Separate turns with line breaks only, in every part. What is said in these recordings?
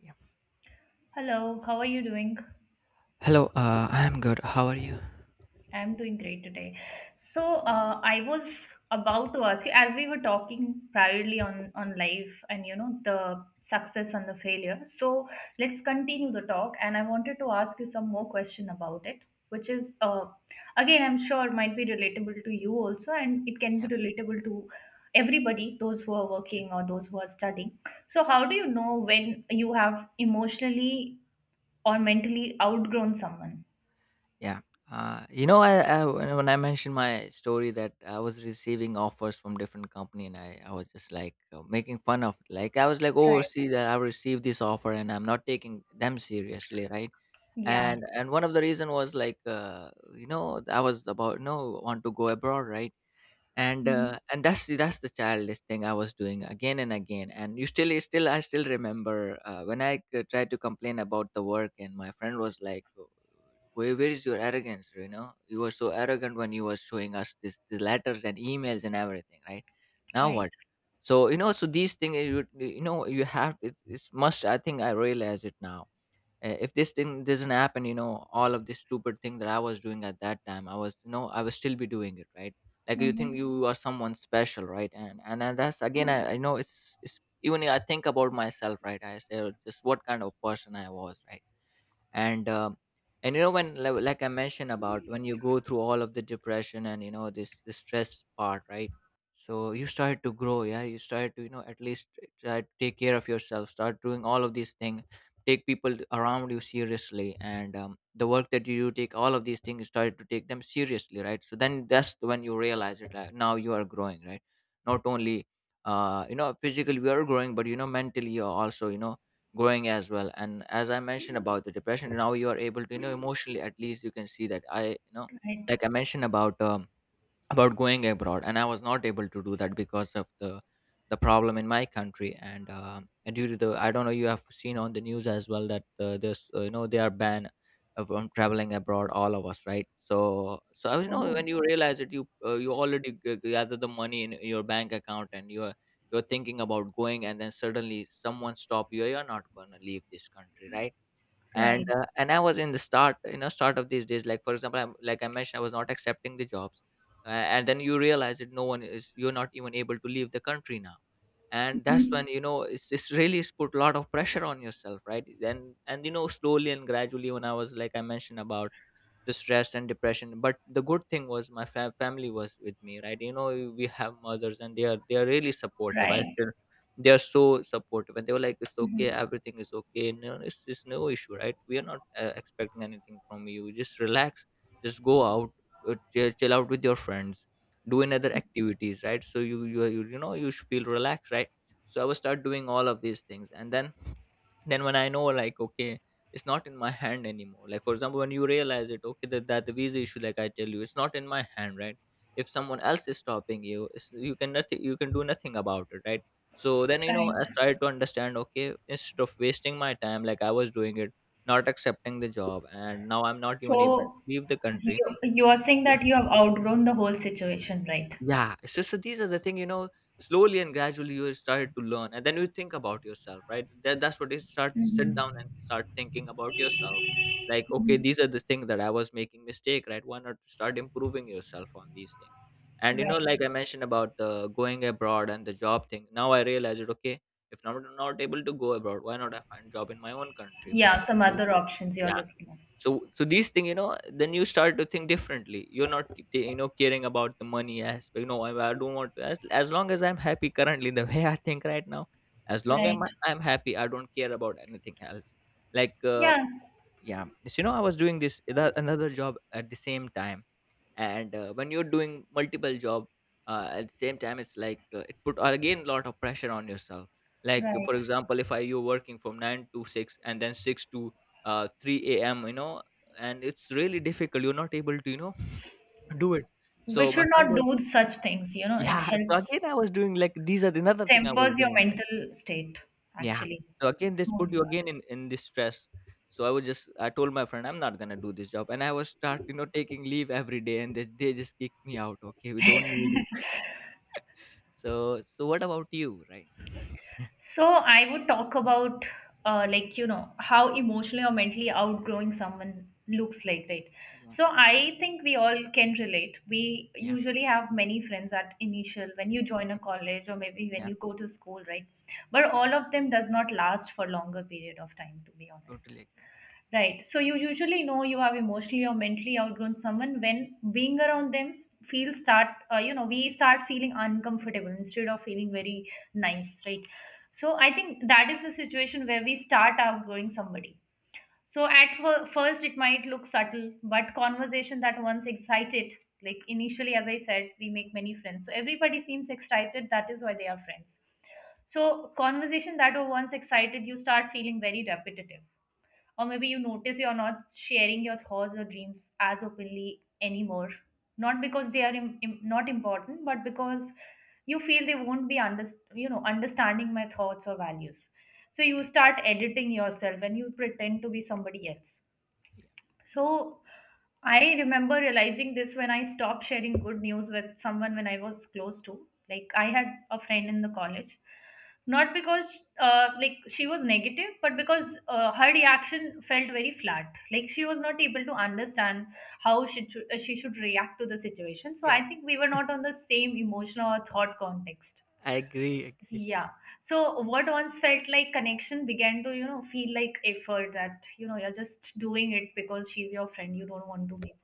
Yeah.
Hello, how are you doing?
Hello, I'm good. How are you?
I'm doing great today. So I was about to ask you, as we were talking privately on life and you know the success and the failure. So, let's continue the talk, and I wanted to ask you some more question about it, which is, again, I'm sure might be relatable to you also, and it can be relatable to everybody, those who are working or those who are studying. So, how do you know when you have emotionally or mentally outgrown someone?
Yeah. You know, I when I mentioned my story that I was receiving offers from different company, and I was just like making fun of, like I was like, oh,
Right.
see that I received this offer, and I'm not taking them seriously, right?
Yeah.
And one of the reason was like, you know, I was about no want to go abroad, right? And
Hmm.
that's the childish thing I was doing again and again. And you still I still remember when I tried to complain about the work, and my friend was like where is your arrogance, you know, you were so arrogant when you were showing us this the letters and emails and everything, right? Now
Right.
what? So, you know, so these things you you know you have it's must, I think I realize it now. If this thing doesn't happen, you know, all of this stupid thing that I was doing at that time, I was, you know, I will still be doing it, right? Like you
Hmm.
think you are someone special, right? And that's again, I know it's even I think about myself, right? I say, "Oh, just what kind of person I was?" Right. And um and you know, when like I mentioned, about when you go through all of the depression and, you know, this the stress part, right? So you started to grow, yeah, you started to, you know, at least try to take care of yourself, start doing all of these things, take people around you seriously, and the work that you do, take all of these things, you started to take them seriously, right? So then that's when you realize it, like now you are growing, right? Not only you know, physically we are growing, but, you know, mentally you're also, you know, growing as well. And as I mentioned about the depression, now you are able to, you know, emotionally at least, you can see that I, you know,
Right.
like I mentioned about going abroad, and I was not able to do that because of the problem in my country. And and due to the, I don't know, you have seen on the news as well that there's you know, they are banned from traveling abroad, all of us, right? So so I was, you know,
Oh,
when you realize that you you already gather the money in your bank account, and you're thinking about going, and then suddenly someone stop you, you're not going to leave this country, right? And
right.
and I was in the start, you know, start of these days, like for example, I'm, like I mentioned, I was not accepting the jobs. And then you realize that no one is, you're not even able to leave the country now. And that's
Hmm.
when you know it's really it's put a lot of pressure on yourself, right then. And you know, slowly and gradually, when I was, like I mentioned about the stress and depression, but the good thing was my family was with me, right? You know, we have mothers, and they are really supportive. I
Right.
still, they are so supportive. And they were like, it's okay,
Hmm.
everything is okay, no, it's no issue, right? We are not expecting anything from you, just relax, just go out, chill out with your friends, do another activities, right? So you you know, you should feel relaxed, right? So I will start doing all of these things. And then when I know, like, okay, it's not in my hand anymore, like for example, when you realize it, okay, that the visa issue, like I tell you, it's not in my hand, right? If someone else is stopping you, it's, you can nothing, you can do nothing about it, right? So then, you know,
Right.
I tried to understand, okay, instead of wasting my time like I was doing it, not accepting the job, and now I'm not even able
So,
to leave the country.
you are saying that
Yeah.
you have outgrown the whole situation, right?
Yeah. So, so these are the thing, you know, slowly and gradually you started to learn, and then you think about yourself, right? That's what is, start sit down
Hmm.
and start thinking about yourself. Like, okay,
Hmm.
these are the things that I was making mistake, right? Why not start improving yourself on these things? And you know,
Right.
like I mentioned about the going abroad and the job thing. Now I realize it, okay, if I'm not able to go abroad, why not I find job in my own country?
Yeah, some other options you are
Yeah,
looking at.
so so these things, you know, then you start to think differently. You're not you know, caring about the money aspect. No, I don't want to, as long as I'm happy currently, the way I think right now, as long as
Right.
I'm happy, I don't care about anything else. Like
Yeah.
yeah. So, you know, I was doing this another job at the same time. And when you're doing multiple job at the same time, it's like it put again a lot of pressure on yourself. Like for
Right.
example, if I, you're working from 9 to 6 and then 6 to 3 a.m, you know, and it's really difficult, you're not able to, you know, do it.
We
So my
should
friend
not
was
do such things, you know, it
yeah, so
helps,
again I was doing, like these are the
it
another thing I was
tempers your
doing, right?
mental state,
Yeah.
actually.
So again,
It's
this
more
put you
important.
again in this stress. So I was just, I told my friend, I'm not gonna do this job, and I was start, you know, taking leave every day, and they just kicked me out. Okay, we don't need you. So so what about you, right?
So I would talk about like you know how emotionally or mentally outgrowing someone looks like, right?
Yeah.
So I think we all can relate. We
Yeah.
usually have many friends at initial when you join a
Mhm.
college or maybe when
Yeah.
you go to school, right? But all of them does not last for longer period of time, to be honest.
Totally agree.
Right. So you usually know you have emotionally or mentally outgrown someone when being around them feel start you know we start feeling uncomfortable instead of feeling very nice, right? So I think that is the situation where we start outgrowing somebody. So at first it might look subtle, but conversation that once excited, like initially as I said, we make many friends. So everybody seems excited. That is why they are friends. So conversation that were once excited, you start feeling very repetitive, or maybe you notice you're not sharing your thoughts or dreams as openly anymore, not because they are not important, but because you feel they won't be you know understanding my thoughts or values, so you start editing yourself and you pretend to be somebody else.
Yeah.
So I remember realizing this when I stopped sharing good news with someone when I was close to. Like I had a friend in the college, not because like she was negative, but because her reaction felt very flat. Like she was not able to understand how she should react to the situation. So
Yeah,
I think we were not on the same emotional or thought context.
I agree. Agree.
Yeah. So what once felt like connection began to, you know, feel like effort that, you know, you're just doing it because she's your friend. You don't want to make,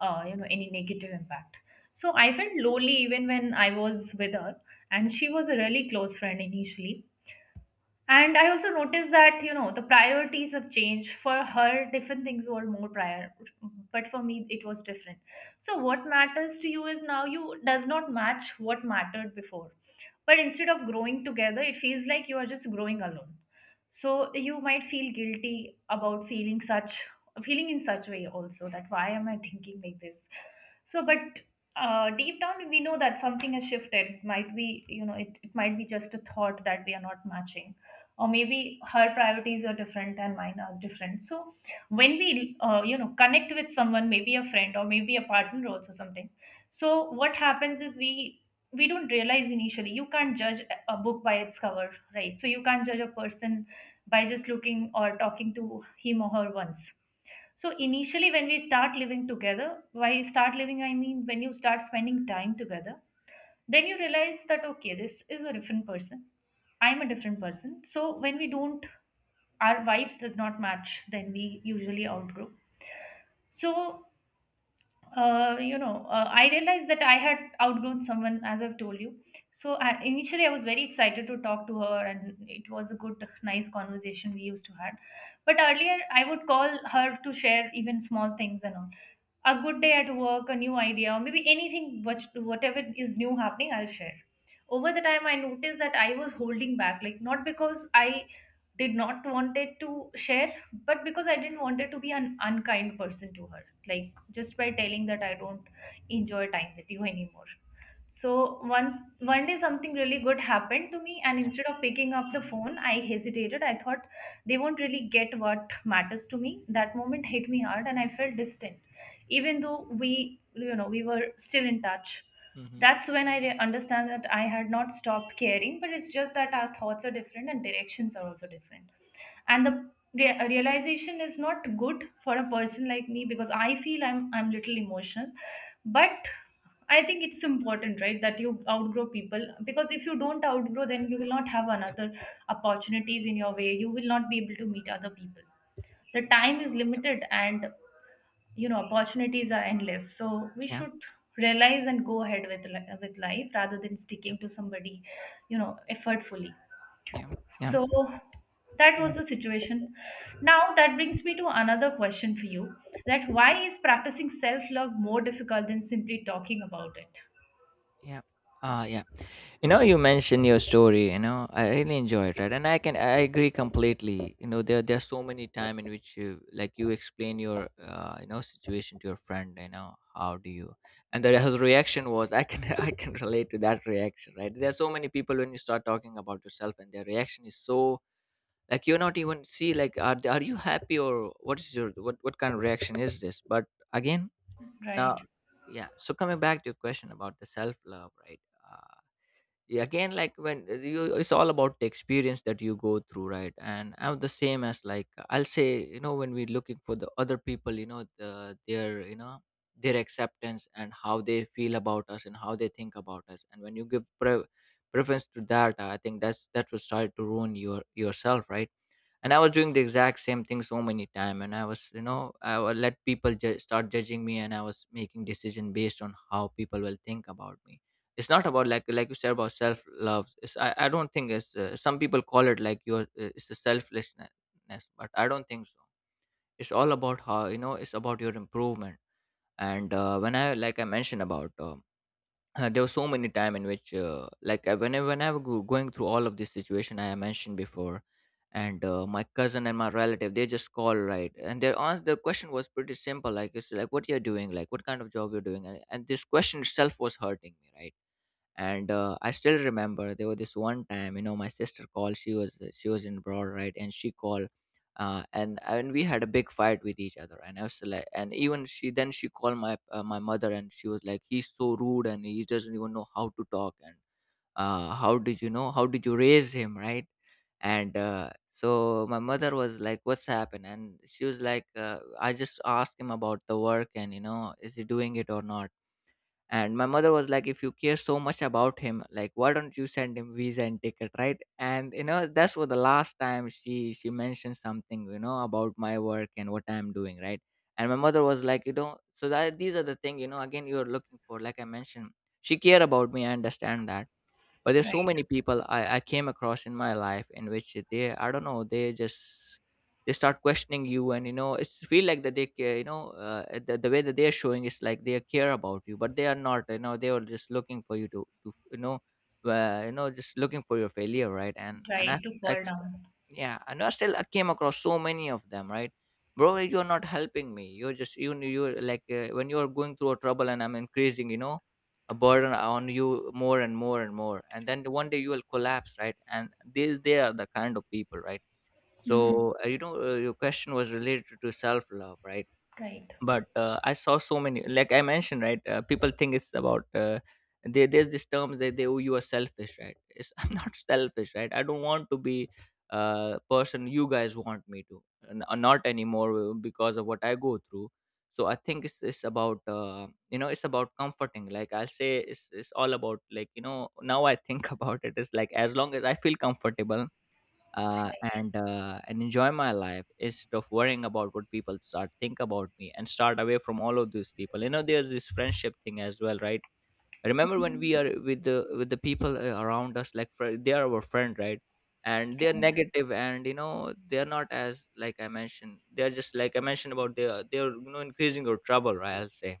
you know, any negative impact. So I felt lonely even when I was with her, and she was a really close friend initially. And I also noticed that, you know, the priorities have changed. For her, different things were more prior, but for me, it was different. So, what matters to you is now you does not match what mattered before. But instead of growing together, it feels like you are just growing alone. So, you might feel guilty about feeling such, feeling in such way also, that why am I thinking like this? So, but deep down, we know that something has shifted. Might be, you know, it might be just a thought that we are not matching. Or maybe her priorities are different and mine are different. So, when we, you know, connect with someone, maybe a friend or maybe a partner also something. So, what happens is we don't realize initially. You can't judge a book by its cover, right? So, you can't judge a person by just looking or talking to him or her once. So initially, when we start living together, why start living? I mean, when you start spending time together, then you realize that okay, this is a different person. I'm a different person. So when we don't, our vibes does not match. Then we usually outgrow. So I realized that I had outgrown someone, as I've told you. So I, initially, I was very excited to talk to her, and it was a good, nice conversation we used to had. But earlier, I would call her to share even small things and all. A good day at work, a new idea, or maybe anything, which, whatever is new happening, I'll share. Over the time, I noticed that I was holding back, like not because I did not wanted to share, but because I didn't want it to be an unkind person to her. Like just by telling that I don't enjoy time with you anymore. So one day something really good happened to me and
Yeah.
instead of picking up the
Mm-hmm.
phone I hesitated. I thought they won't really get what matters to me. That moment hit me hard and I felt distant. Even though we, you know, we were still in touch.
Mm-hmm.
That's when I understand that I had not stopped caring, but it's just that our thoughts are different and directions are also different. And the realization is not good for a person like me, because I feel I'm little emotional. But I think it's important, right, that you outgrow people, because if you don't outgrow, then you will not have another opportunities in your way, you will not be able to meet other people. The time is limited, and you know opportunities are endless, so we
Yeah.
should realize and go ahead with with life rather than
Yeah.
sticking to somebody, you know, effortfully.
Yeah.
So that was
Yeah.
the situation. Now that brings me to another question for you, that why is practicing self love more difficult than simply talking about it?
Yeah. Yeah, you know, you mentioned your story, you know, I really enjoy it, right? And I can, I agree completely. You know, there's so many time in which, you like, you explain your you know, situation to your friend, you know, how do you. And the his reaction was, I can I can relate to that reaction, right? There are so many people when you start talking about yourself and their reaction is so, like you're not even see, like are you happy, or what is your, what kind of reaction is this? But again, now
Right,
yeah, so coming back to your question about the self love, right? uh, yeah, again, like when you, it's all about the experience that you go through, right? And I'm the same as, like I'll say, you know, when we're looking for the other people, you know, their, you know, their acceptance, and how they feel about us, and how they think about us. And when you give preference to that, I think that's, that will start to ruin your yourself, right? And I was doing the exact same thing so many time, and I was, you know, I would let people start judging me, and I was making decision based on how people will think about me. It's not about like you said about self love, it's, I don't think it's some people call it like your it's a selflessness, but I don't think so. It's all about, how you know, it's about your improvement. And when I, like I mentioned about there was so many time in which whenever going through all of this situation I mentioned before. And my cousin and my relative, they just call, right? And their answer, their question was pretty simple, like it's like, what you're doing, like what kind of job you're doing? And this question itself was hurting me, right? And I still remember, there was this one time, you know, my sister called, she was in abroad, right? And she called and we had a big fight with each other, and I was like, and even she then she called my my mother, and she was like, he's so rude and he doesn't even know how to talk, and how did you know, how did you raise him, right? And so my mother was like, what's happened? And she was like, I just asked him about the work and you know, is he doing it or not? And my mother was like, if you care so much about him, like why don't you send him visa and ticket, right? And you know That's what the last time she mentioned something about my work and what I'm doing, right? And my mother was like, so that these are the thing, again you're looking for, like I mentioned. She care about me, I understand that. But there's so
right,
many people I came across in my life in which they, I don't know, they just— they start questioning you, and, it's feel like that they care, the way that they're showing is like they care about you, but they are not. They were just looking for you to, just looking for your failure, right? And i,
right, to
I
fall down.
yeah, and I still I came across so many of them, right? Bro, you're not helping me, you're just— you're like, when you're going through a trouble and I'm increasing, a burden on you more and more and more, and then one day you will collapse, right? And they are the kind of people, right?
Hmm.
So, your question was related to self love, right?
Right,
But I saw so many, like I mentioned, right? People think it's about there's this term that they— oh, you are selfish, right? I'm not selfish, right? I don't want to be a person you guys want me to— not anymore, because of what I go through. So I think it's about, it's about comforting. Like, I'll say it's all about, like, now I think about it, it's like, as long as I feel comfortable uh,
right,
and uh, and enjoy my life, instead of worrying about what people start think about me, and start away from all of those people. There's this friendship thing as well, right? Remember when we are with the people, around us, like they are our friend, right? And they're
right.
negative, and, they're not, as like I mentioned. They're just, like I mentioned, about, they're increasing your trouble, right? I'll say.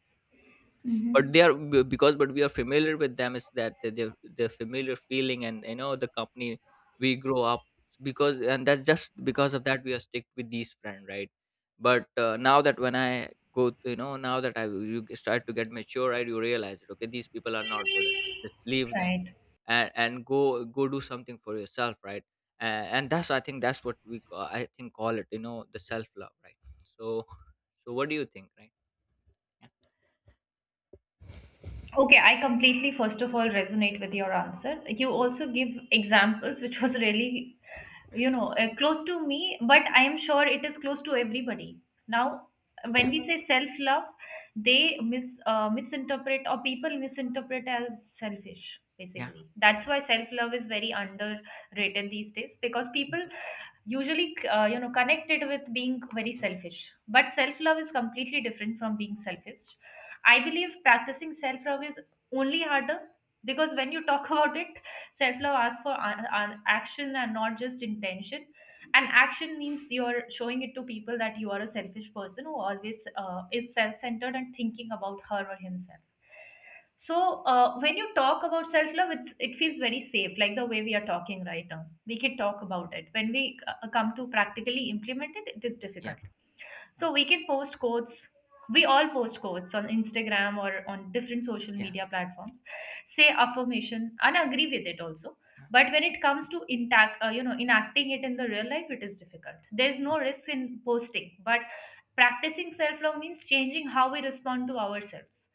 But they
Hmm.
are because— but we are familiar with them, is that they're familiar feeling, and, the company we grow up. Because— and that's just because of that, we are stick with these friend, right? But now that— when I go, now that I— you start to get mature, right? You realize it, okay, these people are not good enough, just leave them,
Right.
and go do something for yourself, right? And that's, I think that's what we I think call it, the self love, right? So. So what do you think, right? Yeah.
Okay, I completely, first of all, resonate with your answer. You also give examples, which was really, you know, close to me, but I am sure it is close to everybody. Now when
Yeah,
we say self love, they misinterpret, or people misinterpret as selfish,
yeah.
basically. That's why self love is very underrated these days, because people
Mhm.
usually, you know, connected with being very
Mhm.
selfish. But self love is completely different from being selfish. I believe practicing self love is only harder, because when you talk about it, self love asks for action and not just intention. And action means you're showing it to people that you are a selfish person who always is self-centered and thinking about her or himself. So when you talk about self love, it's it feels very safe. Like the way we are talking right now, we can talk about it. When we come to practically implement it, it is
Yeah.
difficult.
Um,
So we can post quotes. We all post quotes on Instagram or on different social
yeah,
media platforms, say affirmation and agree with it also.
yeah,
But when it comes to intact, you know, enacting it in the real life, it is difficult. There's no
mhm,
risk in posting, but practicing self-love means changing how we respond to ourselves,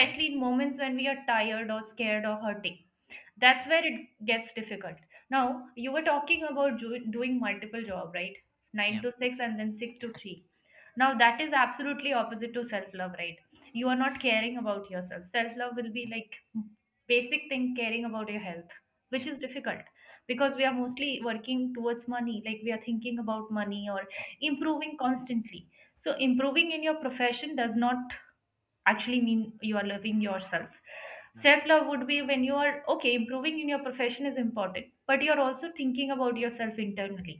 yeah,
in moments when we are tired or scared or hurting. That's where it gets difficult. Now you were talking about doing multiple job, right?
yeah,
9
yeah,
to 6 and then 6 to 3. Now that is absolutely opposite to self love, right? You are not caring about yourself. Self love will be
yeah,
like basic thing, caring about your health, which
yeah,
is difficult, because we are mostly working towards money, like we are thinking about money or
yeah,
improving constantly. So improving in your profession does not actually mean you are loving yourself.
yeah,
Self love would be when you are okay improving in your profession is important, but you're also thinking about yourself internally.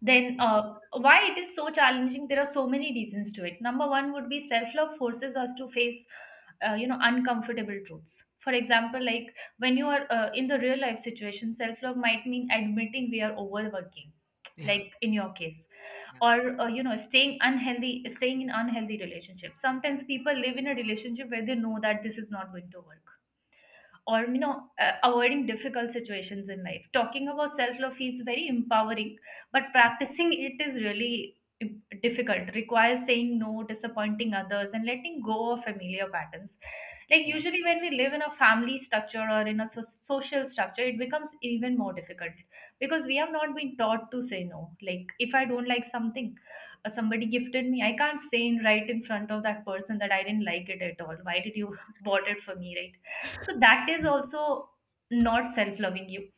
Then why it is so challenging? There are so many reasons to it. Number one would be self love forces us to face you know uncomfortable truths. For example, like when you are in the real life situation, self love might mean admitting we are overworking,
yeah,
like in your case,
yeah,
or you know staying unhealthy, staying in unhealthy relationships. Sometimes people live in a relationship where they know that this is not going to work, or you know avoiding difficult situations in life. Talking about self love feels very empowering, but practicing it is really im- difficult. Requires saying no, disappointing others, and letting go of familiar patterns. Like
yeah, yeah, yeah,
usually when we live in a family structure or in a social structure, it becomes even more difficult, because we have not been taught to say no. Like if I don't like something, somebody gifted me, I can't say in right in front of that person that I didn't like it at all, why did you bought it for me, right? So that is also not self loving You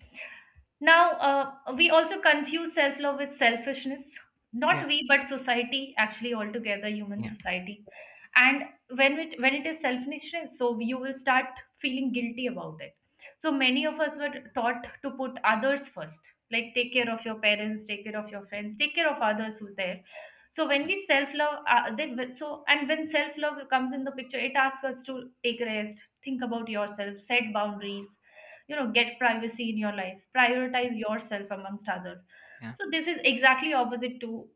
now, we also confuse self love with selfishness. Not
yeah,
we, but society, actually, altogether, human society. And when it is selfishness, so you will start feeling guilty about it. So many of us were taught to put others first, like take
yeah,
care of your parents, take care of your friends, take care of others who's there. So when
yeah,
we self love, then when- so and when self love comes in the picture, it asks us to take rest, think about yourself, set boundaries, get privacy in your life, prioritize yourself amongst others.
yeah,
So this is exactly opposite to,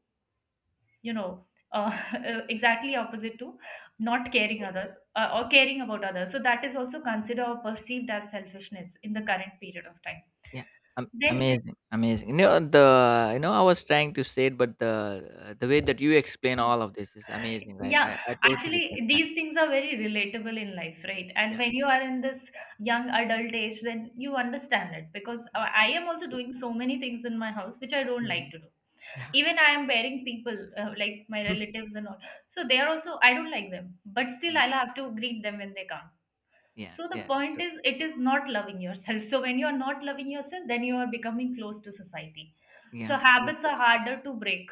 you know uh, exactly opposite to not caring others, or caring about others. So that is also considered or perceived as selfishness in the current period of time.
yeah.
Then,
Amazing, amazing. You know I was trying to say it, but the way that you explain all of this is amazing, right?
yeah,
I totally get
actually
that.
these things are very relatable in life, right? And
Yeah,
when you are in this young adult age, then you understand it, because
yeah,
I am also doing so many things in my house which I don't
mm-hmm.
like to do.
Yeah,
Even I am bearing people, like my relatives and all. So they are also, I don't like them, but still
yeah,
I'll have to greet them when they come.
yeah,
So the
yeah,
point is it is not loving yourself. So when you are not loving yourself, then you are becoming close to society. So
yeah,
habits are
totally.
harder to break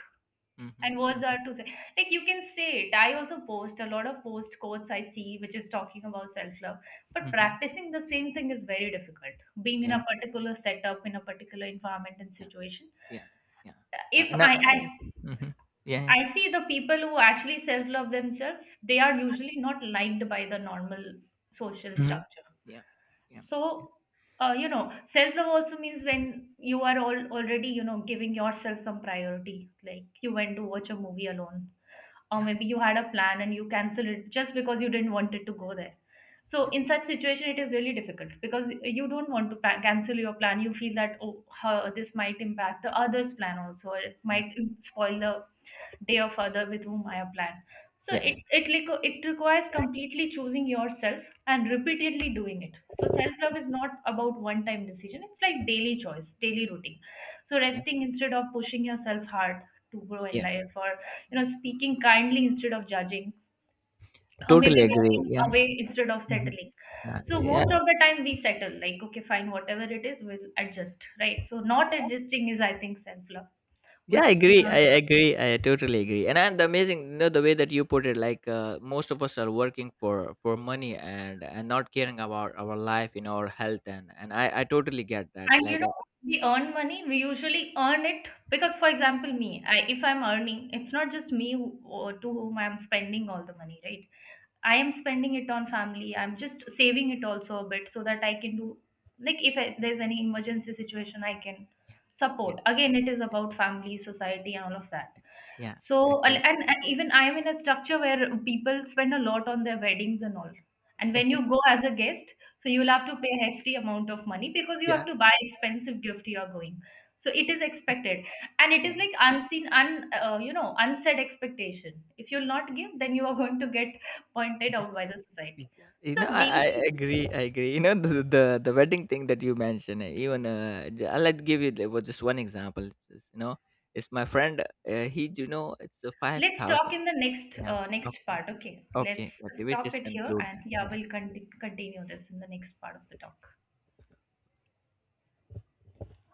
Mm-hmm,
and words
mm-hmm,
are to say, like you can say it. I also post a lot of post quotes I see which is talking about self-love, but
mm-hmm.
practicing the same thing is very difficult being in
Yeah,
a particular setup, in a particular environment and
yeah,
situation.
yeah, yeah.
If
No,
I,
mhm. Yeah, yeah.
I see the people who actually self love themselves, they are usually not liked by the normal social
Mhm.
structure.
Yeah. Yeah. Yeah.
So, self love also means when you are all already, giving yourself some priority. Like you went to watch a movie alone, or
Yeah.
maybe you had a plan and you cancel it just because you didn't want it to go there. So
Yeah.
in such situation, it is really difficult because you don't want to cancel your plan. You feel that, oh, huh, this might impact the others' plan also, or it
Yeah.
might spoil the they or father with whom I have planned. So it
Yeah.
it requ- it requires completely choosing yourself and repeatedly doing it. So self love is not about one time decision. It's like daily choice, daily routine. So
Yeah.
resting instead of pushing yourself hard to grow in
Yeah.
life, or speaking kindly instead of judging, or maybe
Totally agree.
walking
Yeah.
away instead of
Mhm.
settling.
Yeah,
So
yeah,
most of the time we settle, like okay fine, whatever it is we'll adjust, right? So not adjusting is, I think, self love,
yeah. I
which we
agree.
are
I
not doing.
agree. I totally agree. And the amazing, the way that you put it, like, most of us are working for money, and not caring about our life, our health, and I totally get that.
And you
Like,
know, we earn money, we usually earn it because, for example, me, I, if I'm earning, it's not just me who, or to whom I'm spending all the money, right? I am spending it on family. I'm just saving it also a bit so that I can do, like if I, there's any emergency situation I can
yeah, yeah,
support. Again, it is about family, society, and all of that.
yeah. I
So
agree.
and even I am in a structure where people spend a lot on their weddings and all. And when you go as a guest, so you'll have to pay a hefty amount of money because you have
Yeah,
to buy expensive gift you are going. So it is expected, and it
yeah.
is like unseen, un you know, unsaid expectation. If you'll not give, then you are going to get pointed out by the
Y-
society.
You
So
know, I,
these
I
things,
agree. I agree. You know, the wedding thing that you mentioned. Even I'll let give you was just one example. It's my friend. He, it's a five
let's talk
thousand.
in the next
Yeah. Okay.
part. Okay,
Okay.
let's
Okay. We
stop
just
it here,
conclude
and
that.
yeah, we'll
Yeah.
continue this in the next part of the talk.